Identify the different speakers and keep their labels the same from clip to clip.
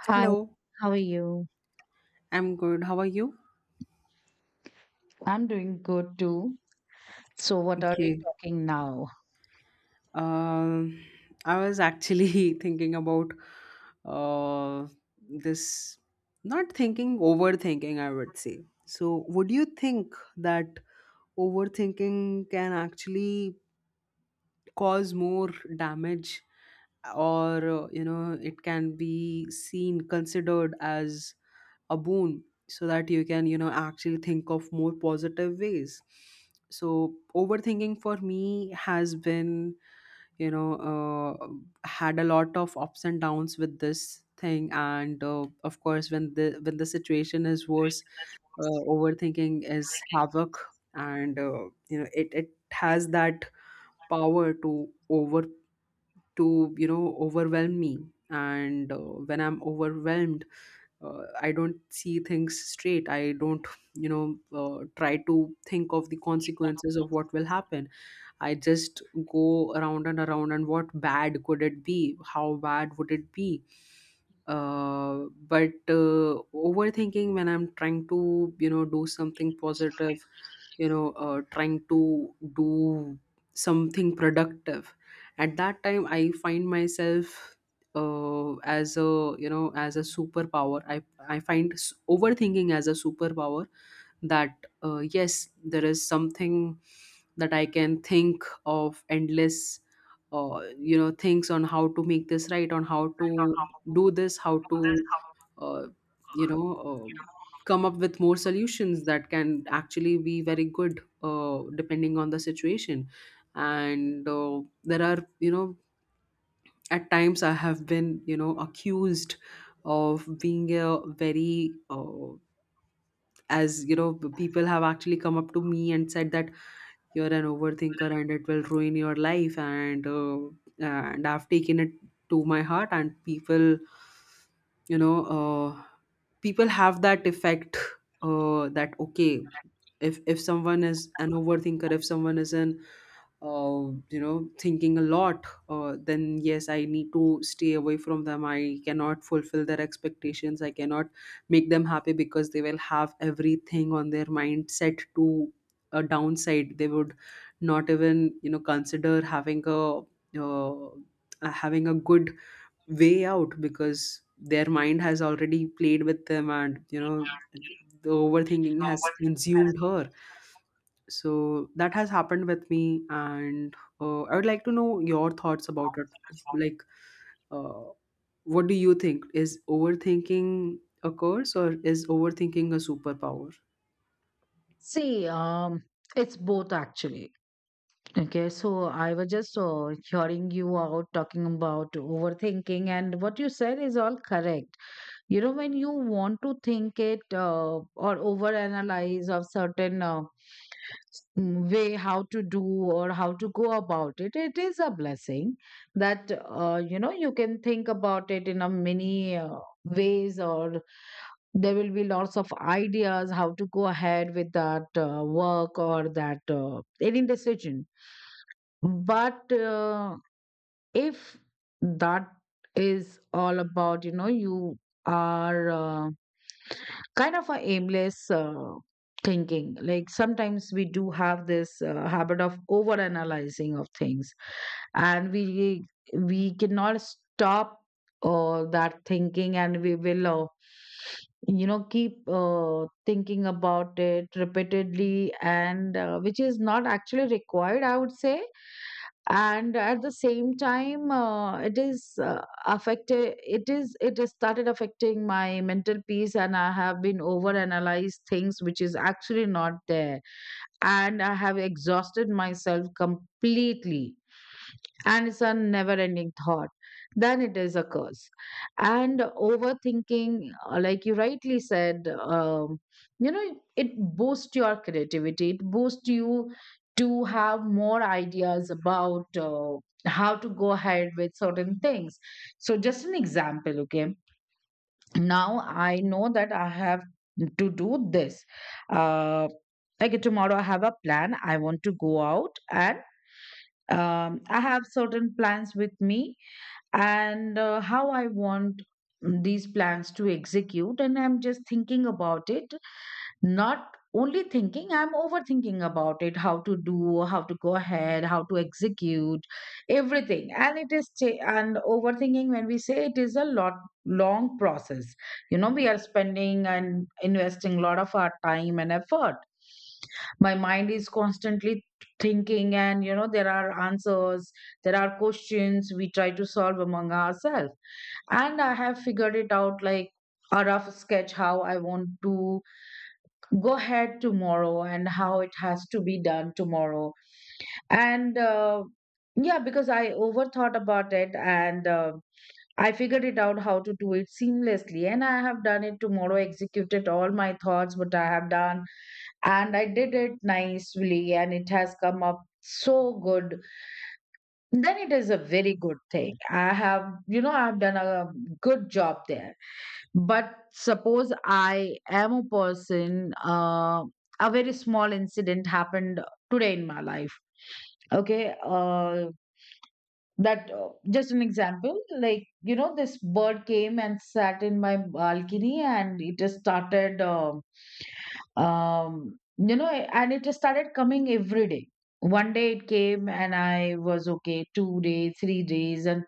Speaker 1: Hi,
Speaker 2: Hello,
Speaker 1: how are you?
Speaker 2: I'm good. How are you?
Speaker 1: I'm doing good too. So, what are we
Speaker 2: Okay.
Speaker 1: talking now?
Speaker 2: Um, I was actually thinking about uh, this, not thinking, overthinking, I would say. So, would you think that overthinking can actually cause more damage, or you know, it can be seen, considered as a boon so that you can you know actually think of more positive ways? So overthinking for me has been you know had a lot of ups and downs with this thing, and of course, when the situation is worse, overthinking is havoc. And you know, it has that power to over, to, you know, overwhelm me. And when I'm overwhelmed, I don't see things straight. I don't, you know, try to think of the consequences of what will happen. I just go around and around, and what bad could it be? How bad would it be? But overthinking when I'm trying to, you know, do something positive, you know, trying to do something productive, at that time I find myself as a, you know, as a superpower. I overthinking as a superpower, that yes, there is something that I can think of endless, you know, things on how to make this right, on how to do this, how to, uh, you know, come up with more solutions that can actually be very good, depending on the situation. And there are, you know, at times I have been, you know, accused of being a very, as you know, people have actually come up to me and said that you're an overthinker and it will ruin your life. And I've taken it to my heart, and people, you know, people have that effect, that okay, if someone is an overthinker, if someone is an, you know, thinking a lot, then yes, I need to stay away from them. I cannot fulfill their expectations. I cannot make them happy because they will have everything on their mind set to a downside. They would not even, you know, consider having a, uh, having a good way out, because their mind has already played with them, and you know, the overthinking has consumed her. So that has happened with me, and I would like to know your thoughts about it. Like, uh, what do you think? Is overthinking a curse, or is overthinking a superpower?
Speaker 1: See, it's both actually. Okay, so I was just hearing you out talking about overthinking, and what you said is all correct. You know, when you want to think it or overanalyze of certain way, how to do or how to go about it, it is a blessing. That you know you can think about it in a many ways, or there will be lots of ideas how to go ahead with that work or that any decision. But if that is all about, you know, you are kind of a aimless thinking. Like sometimes we do have this habit of over analyzing of things, and we cannot stop that thinking, and we will you know keep thinking about it repeatedly, and which is not actually required, I would say. And at the same time it is affected, it is it has started affecting my mental peace, and I have been over analyzed things which is actually not there, and I have exhausted myself completely, and it's a never ending thought. Then it is a curse. And overthinking, like you rightly said, you know, it boosts your creativity, it boosts you to have more ideas about how to go ahead with certain things. So, just an example, okay? Now I know that I have to do this. Uh, like tomorrow, I have a plan. I want to go out, and I have certain plans with me, and how I want these plans to execute. And I'm just thinking about it, not only thinking, I'm overthinking about it, how to do, how to go ahead, how to execute everything. And it is and overthinking, when we say, it is a lot, long process. You know, we are spending and investing a lot of our time and effort. My mind is constantly thinking, and you know there are answers, there are questions we try to solve among ourselves. And I have figured it out, like a rough sketch, how I want to go ahead tomorrow and how it has to be done tomorrow. And yeah, because I overthought about it, and I figured it out how to do it seamlessly, and I have done it tomorrow, executed all my thoughts what I have done, and I did it nicely, and it has come up so good. Then it is a very good thing. I have, you know, I have done a good job there. But suppose I am a person, a very small incident happened today in my life. Okay. That just an example, like, you know, this bird came and sat in my balcony, and it just started, you know, and it just started coming every day. One day it came, and I was okay, 2 days, 3 days, and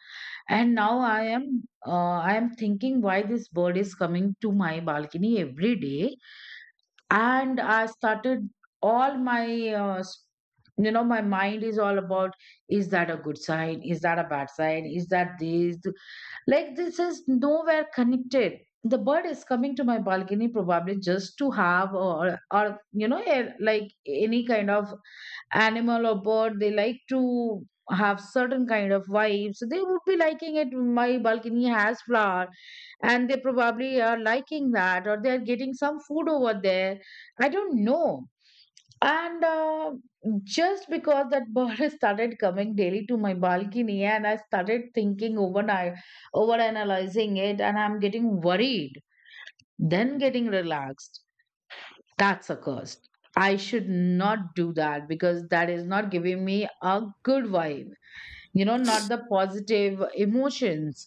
Speaker 1: and now I am I am thinking, why this bird is coming to my balcony every day. And I started all my you know, my mind is all about, is that a good sign? Is that a bad sign? Is that this? Like, this is nowhere connected. The bird is coming to my balcony probably just to have, or you know, like any kind of animal or bird, they like to have certain kind of vibes. So they would be liking it, my balcony has flower, and they probably are liking that, or they're getting some food over there, I don't know. And just because that bird has started coming daily to my balcony, and I started thinking overnight, over analyzing it, and I'm getting worried, then getting relaxed, that's a curse. I should not do that, because that is not giving me a good vibe, not the positive emotions.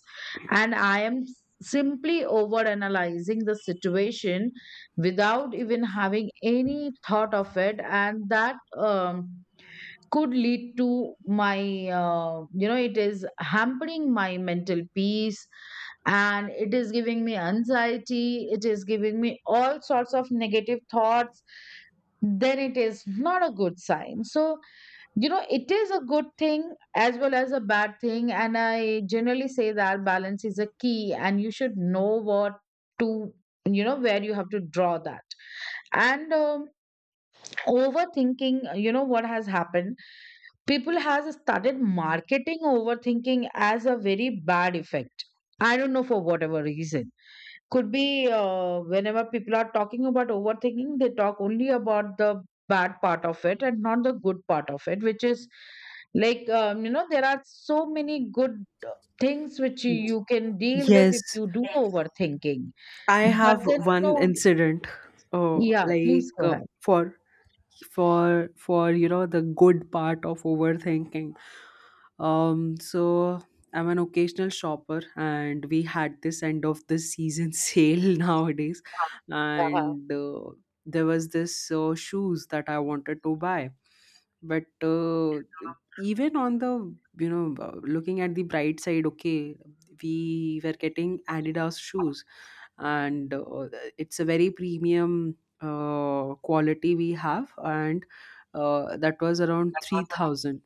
Speaker 1: And I am simply overanalyzing the situation without even having any thought of it. And that could lead to my, you know, it is hampering my mental peace, and it is giving me anxiety, it is giving me all sorts of negative thoughts. Then it is not a good sign. So you know it is a good thing as well as a bad thing, and I generally say that balance is a key, and you should know what to, you know, where you have to draw that. And overthinking, you know, what has happened, people has started marketing overthinking as a very bad effect. I don't know for whatever reason. Could be, whenever people are talking about overthinking, they talk only about the bad part of it and not the good part of it, which is like, you know, there are so many good uh, things which you can deal with if
Speaker 2: Yes,
Speaker 1: you do, yes, overthinking.
Speaker 2: I have
Speaker 1: But then, you
Speaker 2: one
Speaker 1: know,
Speaker 2: incident, uh,
Speaker 1: yeah, please
Speaker 2: like
Speaker 1: go
Speaker 2: uh,
Speaker 1: ahead.
Speaker 2: for for for you know, the good part of overthinking. So I'm an occasional shopper, and we had this end of the season sale nowadays,
Speaker 1: That was.
Speaker 2: and there was this shoes that I wanted to buy, but even on the, you know, looking at the bright side, okay, we were getting Adidas shoes, and it's a very premium quality we have, and that was around 3,000.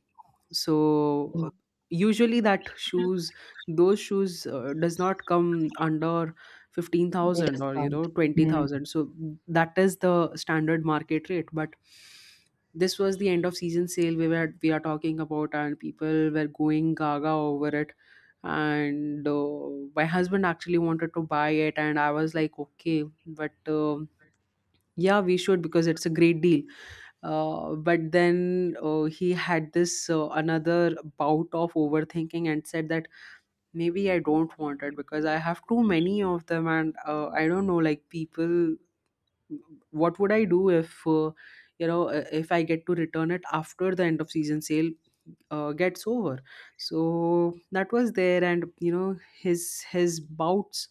Speaker 1: Mm,
Speaker 2: So usually that shoes those shoes does not come under 15,000 or you
Speaker 1: discount.
Speaker 2: know 20,000, so that is the standard market rate. But this was the end of season sale we were we are talking about, and people were going gaga over it. And my husband actually wanted to buy it, and I was like, okay, but yeah, we should, because it's a great deal. But then he had this another bout of overthinking and said that maybe I don't want it because I have too many of them, and I don't know, like people, what would I do if, you know, if I get to return it after the end of season sale gets over? So that was there, and you know, his bouts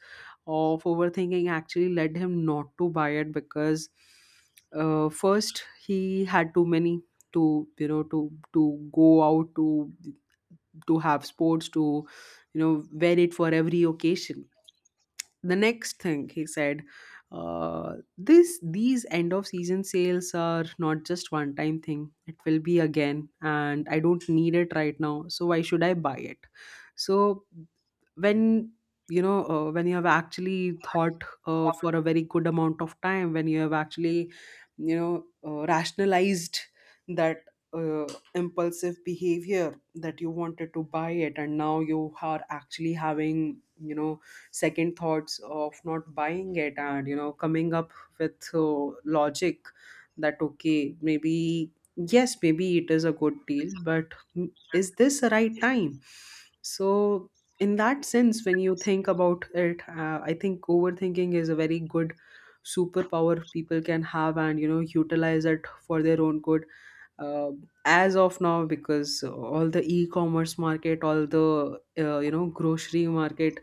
Speaker 2: of overthinking actually led him not to buy it, because first, he had too many to, you know, to go out, to have sports, to, you know, wear it for every occasion. The next thing he said, this these end of season sales are not just one time thing, it will be again, and I don't need it right now, so why should I buy it? So when, you know, when you have actually thought for
Speaker 1: Mm.
Speaker 2: a very good amount of time, when you have actually, you know, rationalized that uh, impulsive behavior, that you wanted to buy it, and now you are actually having, you know, second thoughts of not buying it, and you know, coming up with logic, that okay, maybe yes, maybe it is a good deal, but is this the right time? So in that sense, when you think about it, I think overthinking is a very good superpower people can have and you know, utilize it for their own good. uh, as of now, because all the e-commerce market, all the, you know, grocery market,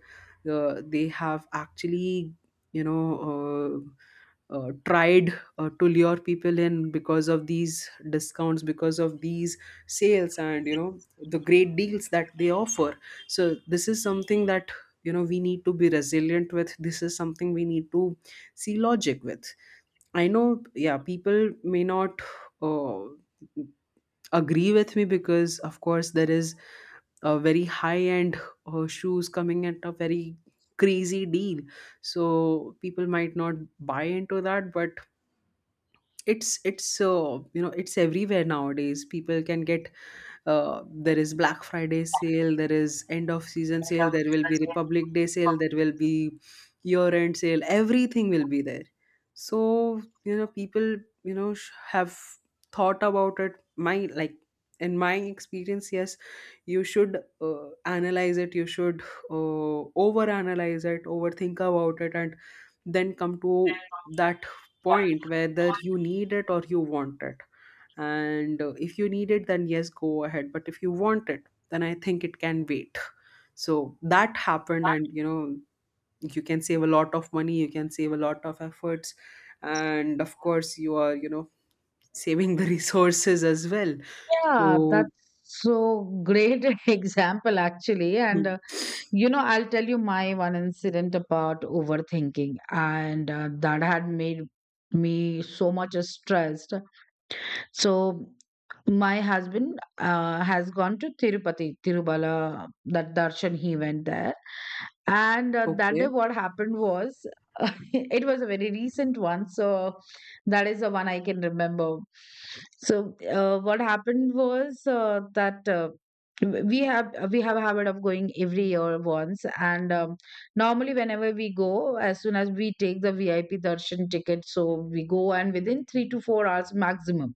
Speaker 2: they have actually, you know, tried to lure people in because of these discounts, because of these sales and you know, the great deals that they offer. So this is something that, you know, we need to be resilient with. This is something we need to see logic with. I know, yeah, people may not, uh, agree with me, because of course there is a very high end shoes coming at a very crazy deal. So people might not buy into that, but it's you know, it's everywhere nowadays. People can get, uh, there is Black Friday sale, there is end of season sale, there will be Republic Day sale, there will be year end sale, everything will be there. So you know, people, you know, have thought about it. My like, in my experience, yes, you should analyze it, you should uh, over analyze it, overthink about it, and then come to that point, whether you need it or you want it. And if you need it, then yes, go ahead. But if you want it, then I think it can wait. So that happened, and you know, you can save a lot of money, you can save a lot of efforts, and of course you are, you know, saving the resources as well.
Speaker 1: Yeah,
Speaker 2: So
Speaker 1: that's so great example actually. And
Speaker 2: hmm,
Speaker 1: you know, I'll tell you my one incident about overthinking, and that had made me so much stressed. So my husband has gone to Tirupati, Tirubala, that darshan, he went there. And that day,
Speaker 2: okay,
Speaker 1: what happened was, it was a very recent one. So that is the one I can remember. So what happened was that. We have a habit of going every year once, and normally whenever we go, as soon as we take the VIP darshan ticket, so we go, and within 3 to 4 hours maximum,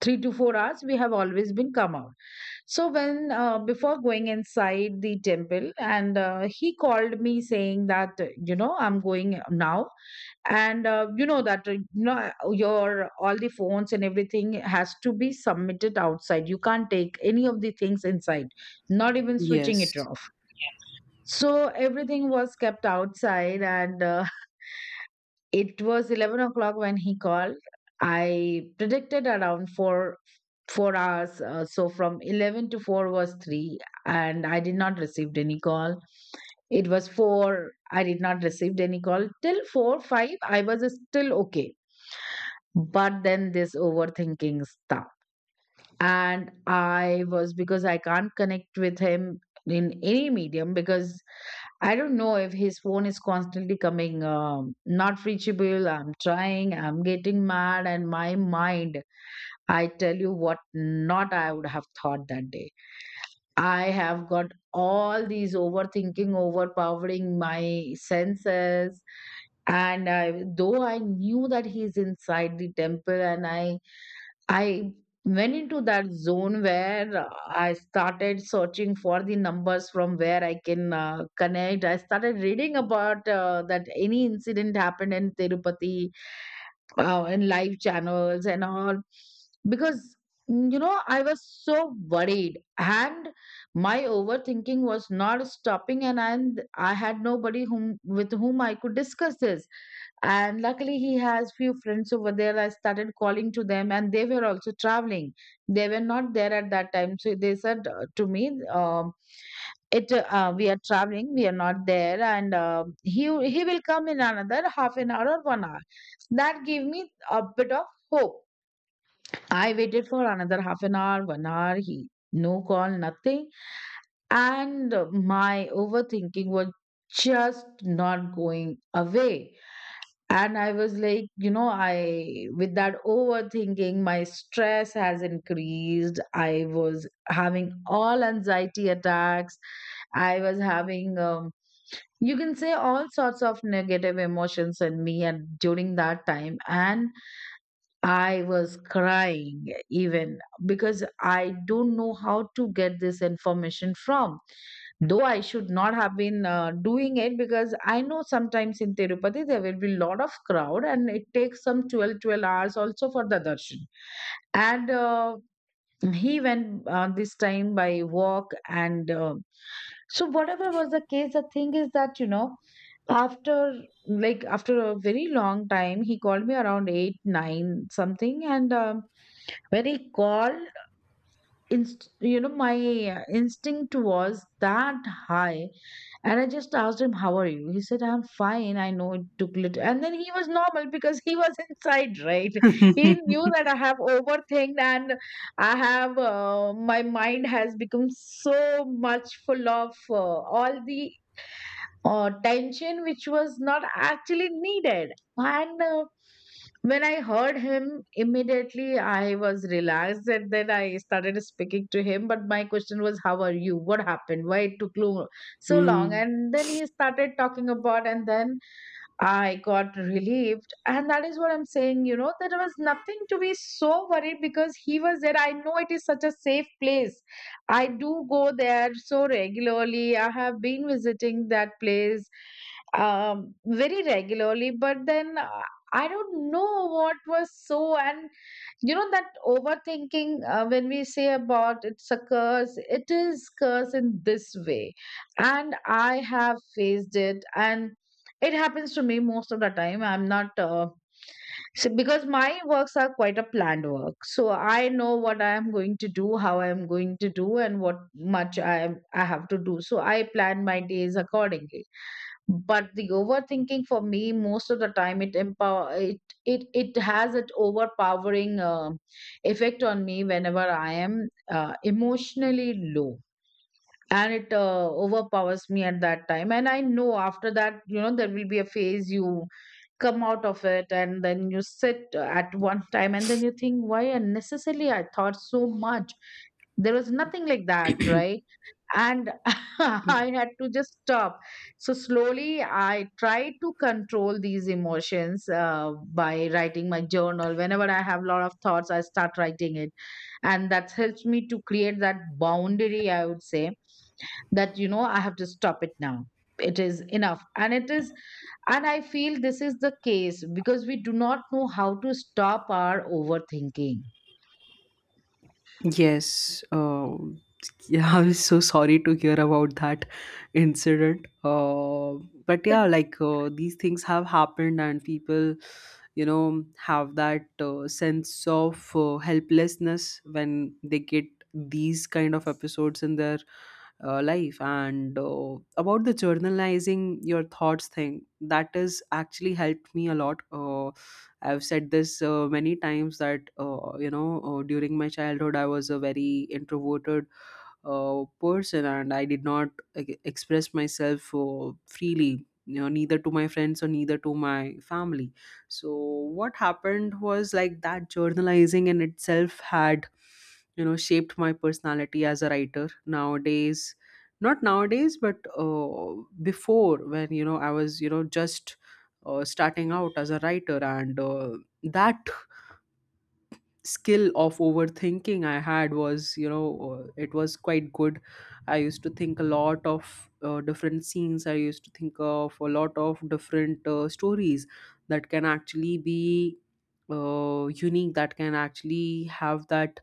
Speaker 1: 3 to 4 hours we have always been come out. So when, before going inside the temple, and he called me saying that, you know, I'm going now, and you know that, you know, your all the phones and everything has to be submitted outside, you can't take any of the things inside, not even switching it
Speaker 2: yes.
Speaker 1: off. So everything was kept outside, and it was 11 o'clock when he called. I predicted around 4 hours, so from 11 to 4 was 3, and I did not receive any call. It was 4, I did not receive any call till 4. 5, I was still okay. But then this overthinking stuff, and I was, because I can't connect with him in any medium, because I don't know, if his phone is constantly coming, not reachable. I'm trying, I'm getting mad, and my mind, I tell you what, not I would have thought that day. I have got all these overthinking, overpowering my senses. And I, though I knew that he's inside the temple, and I went into that zone where, I started searching for the numbers from where I can connect. I started reading about, that any incident happened in Tirupati, and live channels and all, because you know, I was so worried, and my overthinking was not stopping, and I had nobody, whom, with whom I could discuss this. And luckily he has few friends over there, I started calling to them, and they were also traveling, they were not there at that time. So they said, to me, um, it we are traveling, we are not there, and he will come in another half an hour or 1 hour. That gave me a bit of hope. I waited for another half an hour, 1 hour, he no call, nothing. And my overthinking was just not going away. And I was like, I, with that overthinking, my stress has increased. I was having all anxiety attacks. I was having, you can say, all sorts of negative emotions in me and during that time. And I was crying even, because I don't know how to get this information from. Though I should not have been doing it, because I know sometimes in Tirupati there will be lot of crowd, and it takes some twelve hours also for the darshan. And he went this time by walk, and so whatever was the case, the thing is that, you know, after, like after a very long time he called me around 8 9 something, and when he called, you know, my instinct was that high. And I just asked him, how are you? He said, I'm fine. I know it took little. And then he was normal, because he was inside, right? He knew that I have overthinked, and I have, my mind has become so much full of all the tension which was not actually needed. And when I heard him, immediately I was relaxed, and then I started speaking to him. But my question was, how are you? What happened? Why it took so long?
Speaker 2: Hmm.
Speaker 1: And then he started talking about, and then I got relieved. And that is what I'm saying, you know, there was nothing to be so worried because he was there. I know it is such a safe place. I do go there so regularly. I have been visiting that place very regularly, but then I don't know what was so. And you know that overthinking when we say about it's a curse, it is curse in this way, and I have faced it. And it happens to me most of the time. I'm not so, because my works are quite a planned work, so I know what I am going to do, how I am going to do, and what much I have to do. So I plan my days accordingly. But the overthinking for me most of the time, it empower it it, it has an overpowering effect on me whenever I am emotionally low, and it overpowers me at that time. And I know after that, you know, there will be a phase, you come out of it, and then you sit at one time and then you think, why unnecessarily I thought so much? There was nothing like that, right? And I had to just stop. So slowly I try to control these emotions by writing my journal. Whenever I have a lot of thoughts, I start writing it, and that helps me to create that boundary, I would say, that, you know, I have to stop it now, it is enough. And it is, and I feel this is the case because we do not know how to stop our overthinking
Speaker 2: Yes, yeah, I'm so sorry to hear about that incident. But yeah, like these things have happened, and people, you know, have that sense of helplessness when they get these kind of episodes in their life. And about the journalizing your thoughts thing, that has actually helped me a lot. I've said this many times that, you know, during my childhood I was a very introverted person, and I did not, like, express myself freely, you know, neither to my friends or neither to my family. So what happened was, like, that journalizing in itself had, you know, shaped my personality as a writer nowadays. Not nowadays, but before, when, you know, I was, you know, just starting out as a writer, and that skill of overthinking I had was, you know, it was quite good. I used to think a lot of different scenes, I used to think of a lot of different stories that can actually be unique, that can actually have that,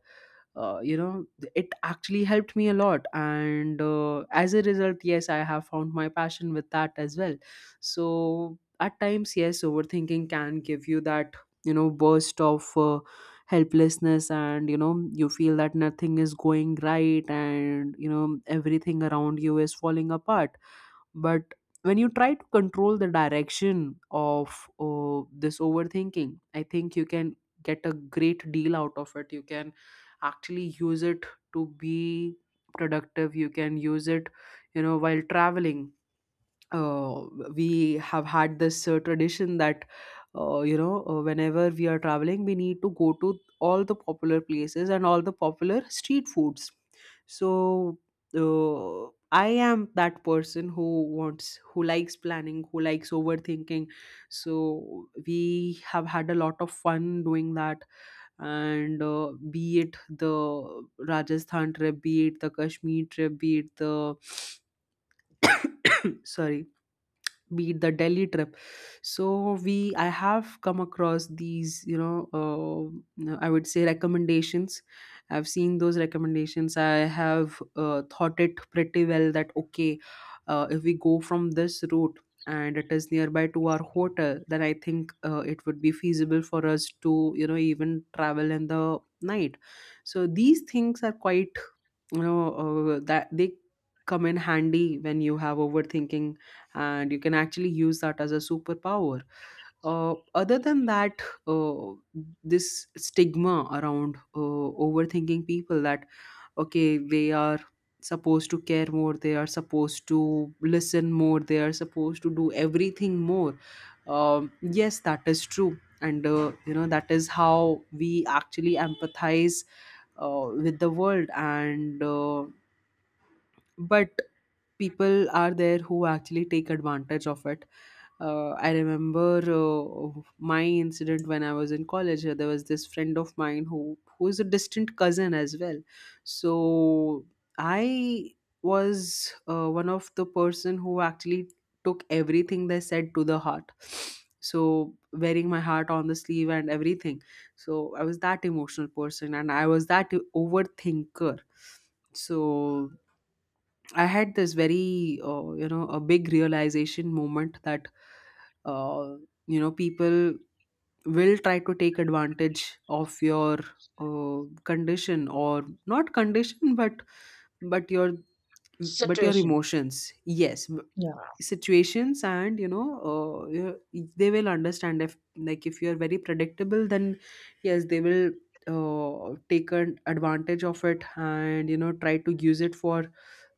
Speaker 2: you know, it actually helped me a lot. And as a result, yes, I have found my passion with that as well. So at times, yes, overthinking can give you that, you know, burst of helplessness, and you know, you feel that nothing is going right, and you know, everything around you is falling apart. But when you try to control the direction of this overthinking, I think you can get a great deal out of it. You can actually use it to be productive. You can use it, you know, while traveling. uh, we have had this tradition that, you know, whenever we are traveling, we need to go to all the popular places and all the popular street foods. So uh, I am that person who wants, who likes planning, who likes overthinking. So we have had a lot of fun doing that. And be it the Rajasthan trip, be it the Kashmir trip, be it the sorry, be it the Delhi trip. So we I have come across these, you know, I would say recommendations. I've seen those recommendations. I have thought it pretty well, that okay, if we go from this route and it is nearby to our hotel, then I think it would be feasible for us to, you know, even travel in the night. So these things are quite, you know, that they come in handy when you have overthinking, and you can actually use that as a superpower. Other than that, uh, this stigma around overthinking people that okay, they are supposed to care more, they are supposed to listen more, they are supposed to do everything more. um, yes, that is true, and you know, that is how we actually empathize with the world, and but people are there who actually take advantage of it. I remember my incident when I was in college. There was this friend of mine who is a distant cousin as well. So I was one of the person who actually took everything they said to the heart. So wearing my heart on the sleeve and everything. So I was that emotional person, and I was that overthinker. So I had this very, a big realization moment that, uh, you know, people will try to take advantage of your condition, or not condition, but but your but your
Speaker 1: situation.
Speaker 2: emotions. Yes,
Speaker 1: Yeah,
Speaker 2: situations, and you know, they will understand if, like, if you are very predictable, then yes, they will take an advantage of it, and you know, try to use it for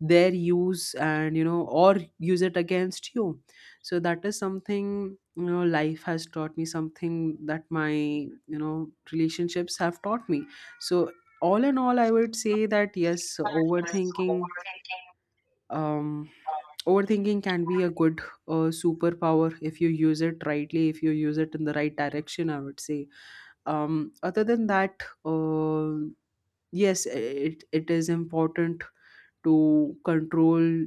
Speaker 2: their use, and you know, or use it against you. So that is something, you know, life has taught me something, that my, you know, relationships have taught me. So all in all, I would say that yes, overthinking, um, overthinking can be a good superpower if you use it rightly, if you use it in the right direction, I would say. Other than that, yes, it is important to control,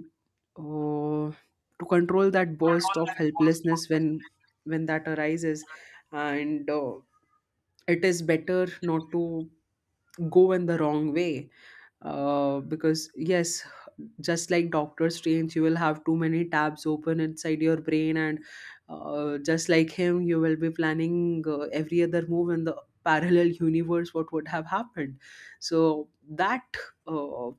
Speaker 2: uh, to control that burst of helplessness when that arises. And it is better not to go in the wrong way, because yes, just like Doctor Strange, you will have too many tabs open inside your brain, and just like him, you will be planning every other move in the parallel universe what would have happened. So that uh,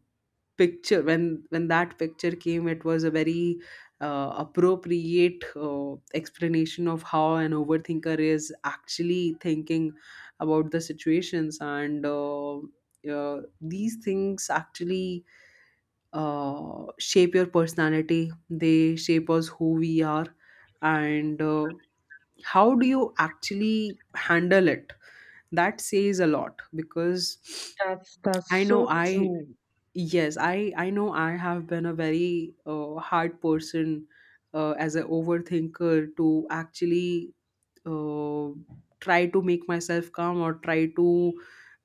Speaker 2: picture, when that picture came, it was a very appropriate explanation of how an overthinker is actually thinking about the situations. And these things actually shape your personality, they shape us who we are. And how do you actually handle it, that says a lot. Because
Speaker 1: that's
Speaker 2: i know
Speaker 1: so
Speaker 2: i
Speaker 1: true.
Speaker 2: Yes, I know I have been a very hard person as an overthinker, to actually uh, try to make myself calm, or try to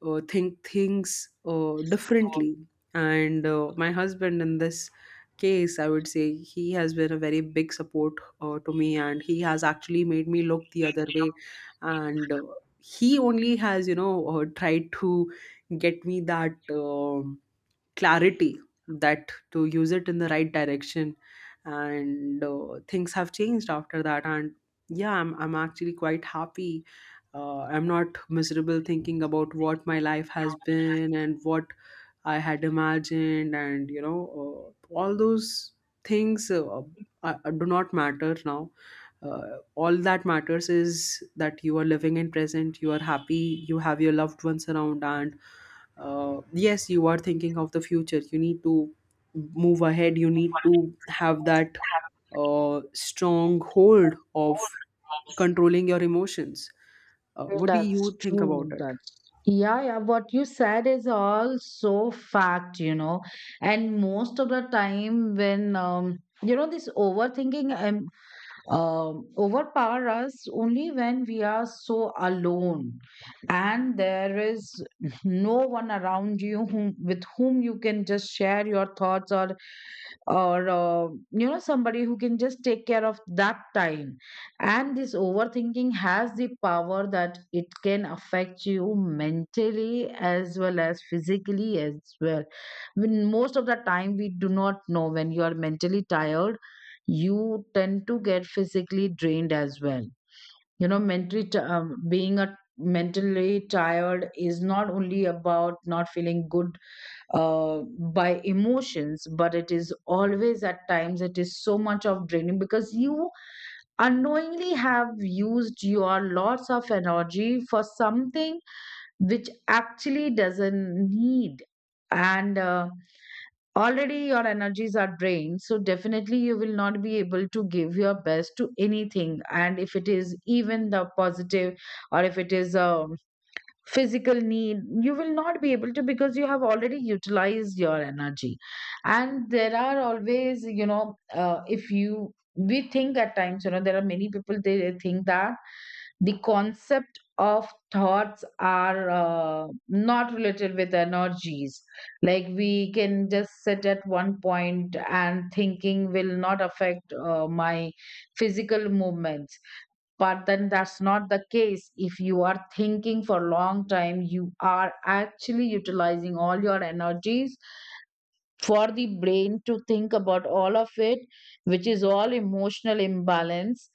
Speaker 2: think things differently. And my husband, in this case, I would say he has been a very big support to me, and he has actually made me look the other way. And he only has, you know, tried to get me that clarity, that to use it in the right direction. And things have changed after that. And yeah, I'm actually quite happy. I'm not miserable thinking about what my life has been and what I had imagined, and you know, all those things do not matter now. All that matters is that you are living in present, you are happy, you have your loved ones around. And yes, you are thinking of the future, you need to move ahead, you need to have that strong hold of controlling your emotions. What do you
Speaker 1: That's
Speaker 2: think about
Speaker 1: true.
Speaker 2: it?
Speaker 1: That's, yeah, yeah, what you said is all so fact, you know. And most of the time when you know this overthinking overpower us only when we are so alone, and there is no one around you whom, with whom you can just share your thoughts, or you know, somebody who can just take care of that time. And this overthinking has the power that it can affect you mentally as well as physically as well. When most of the time we do not know, when you are mentally tired, you tend to get physically drained as well. You know, being a mentally tired is not only about not feeling good uh, by emotions, but it is always, at times it is so much of draining because you unknowingly have used your lots of energy for something which actually doesn't need. And already your energies are drained, so definitely you will not be able to give your best to anything. And if it is even the positive or if it is a physical need, you will not be able to, because you have already utilized your energy. And there are always, you know, if you we think at times, you know, there are many people, they think that the concept of thoughts are not related with energies, like we can just sit at one point and thinking will not affect my physical movements. But then that's not the case. If you are thinking for long time, you are actually utilizing all your energies for the brain to think about all of it, which is all emotional imbalance.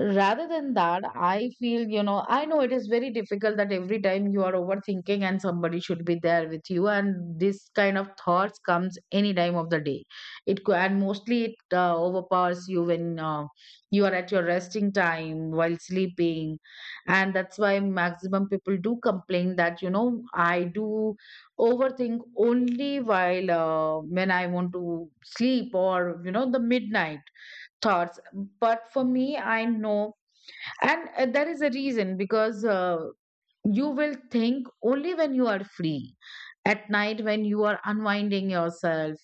Speaker 1: Rather than that, I feel, you know, I know it is very difficult that every time you are overthinking and somebody should be there with you, and this kind of thoughts comes any time of the day. And mostly it overpowers you when you are at your resting time while sleeping, and that's why maximum people do complain that, you know, I do overthink only while when I want to sleep, or you know, the midnight thoughts. But for me, I know, and there is a reason, because you will think only when you are free, at night when you are unwinding yourself.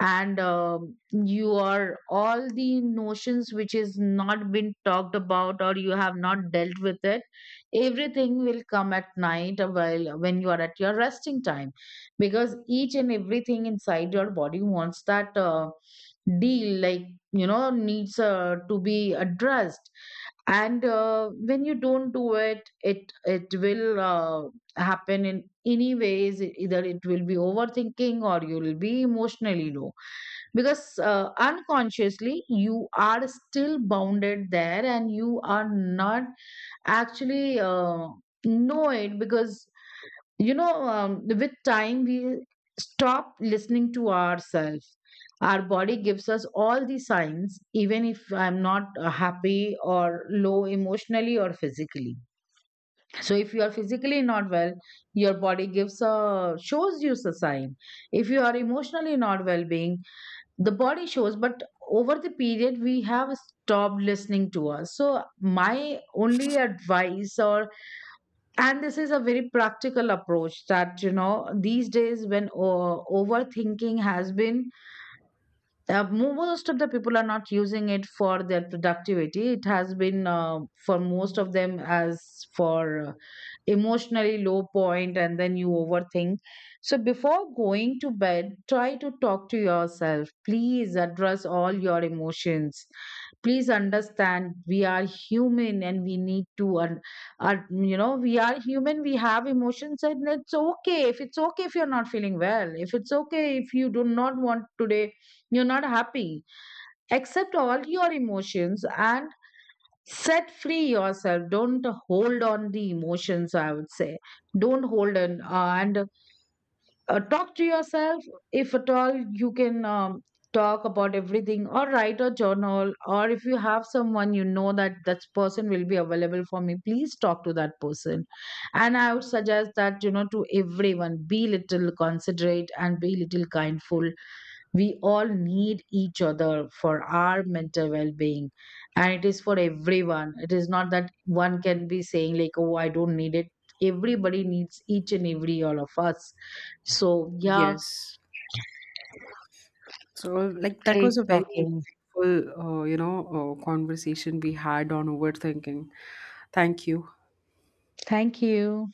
Speaker 1: And you are, all the notions which is not been talked about or you have not dealt with it, everything will come at night while when you are at your resting time, because each and everything inside your body wants that deal, like, you know, needs to be addressed. And when you don't do it, it will happen in any ways. Either it will be overthinking or you'll be emotionally low, because unconsciously you are still bounded there, and you are not actually know it, because you know, with time we stop listening to ourselves. Our body gives us all the signs, even if I'm not happy or low, emotionally or physically. So if you are physically not well, your body gives a shows you a sign. If you are emotionally not well being, the body shows. But over the period we have stopped listening to us. So my only advice, or, and this is a very practical approach, that, you know, these days when overthinking has been most of the people are not using it for their productivity. It has been for most of them as, for emotionally low point, and then you overthink. So before going to bed, try to talk to yourself. Please address all your emotions. Please understand we are human and we need to you know, we are human, we have emotions, and it's okay, if it's okay if you're not feeling well, if it's okay if you do not want today, you're not happy. Accept all your emotions and set free yourself. Don't hold on the emotions, I would say. Don't hold on, and talk to yourself. If at all you can talk about everything or write a journal, or if you have someone, you know, that that person will be available for me, please talk to that person. And I would suggest that, you know, to everyone, be little considerate and be little kindful. We all need each other for our mental well-being, and it is for everyone. It is not that one can be saying like, oh, I don't need it. Everybody needs, each and every, all of us. So yeah.
Speaker 2: Yes, so like, that was
Speaker 1: Great
Speaker 2: a very
Speaker 1: talking.
Speaker 2: insightful you know, conversation we had on overthinking. Thank you.
Speaker 1: Thank you.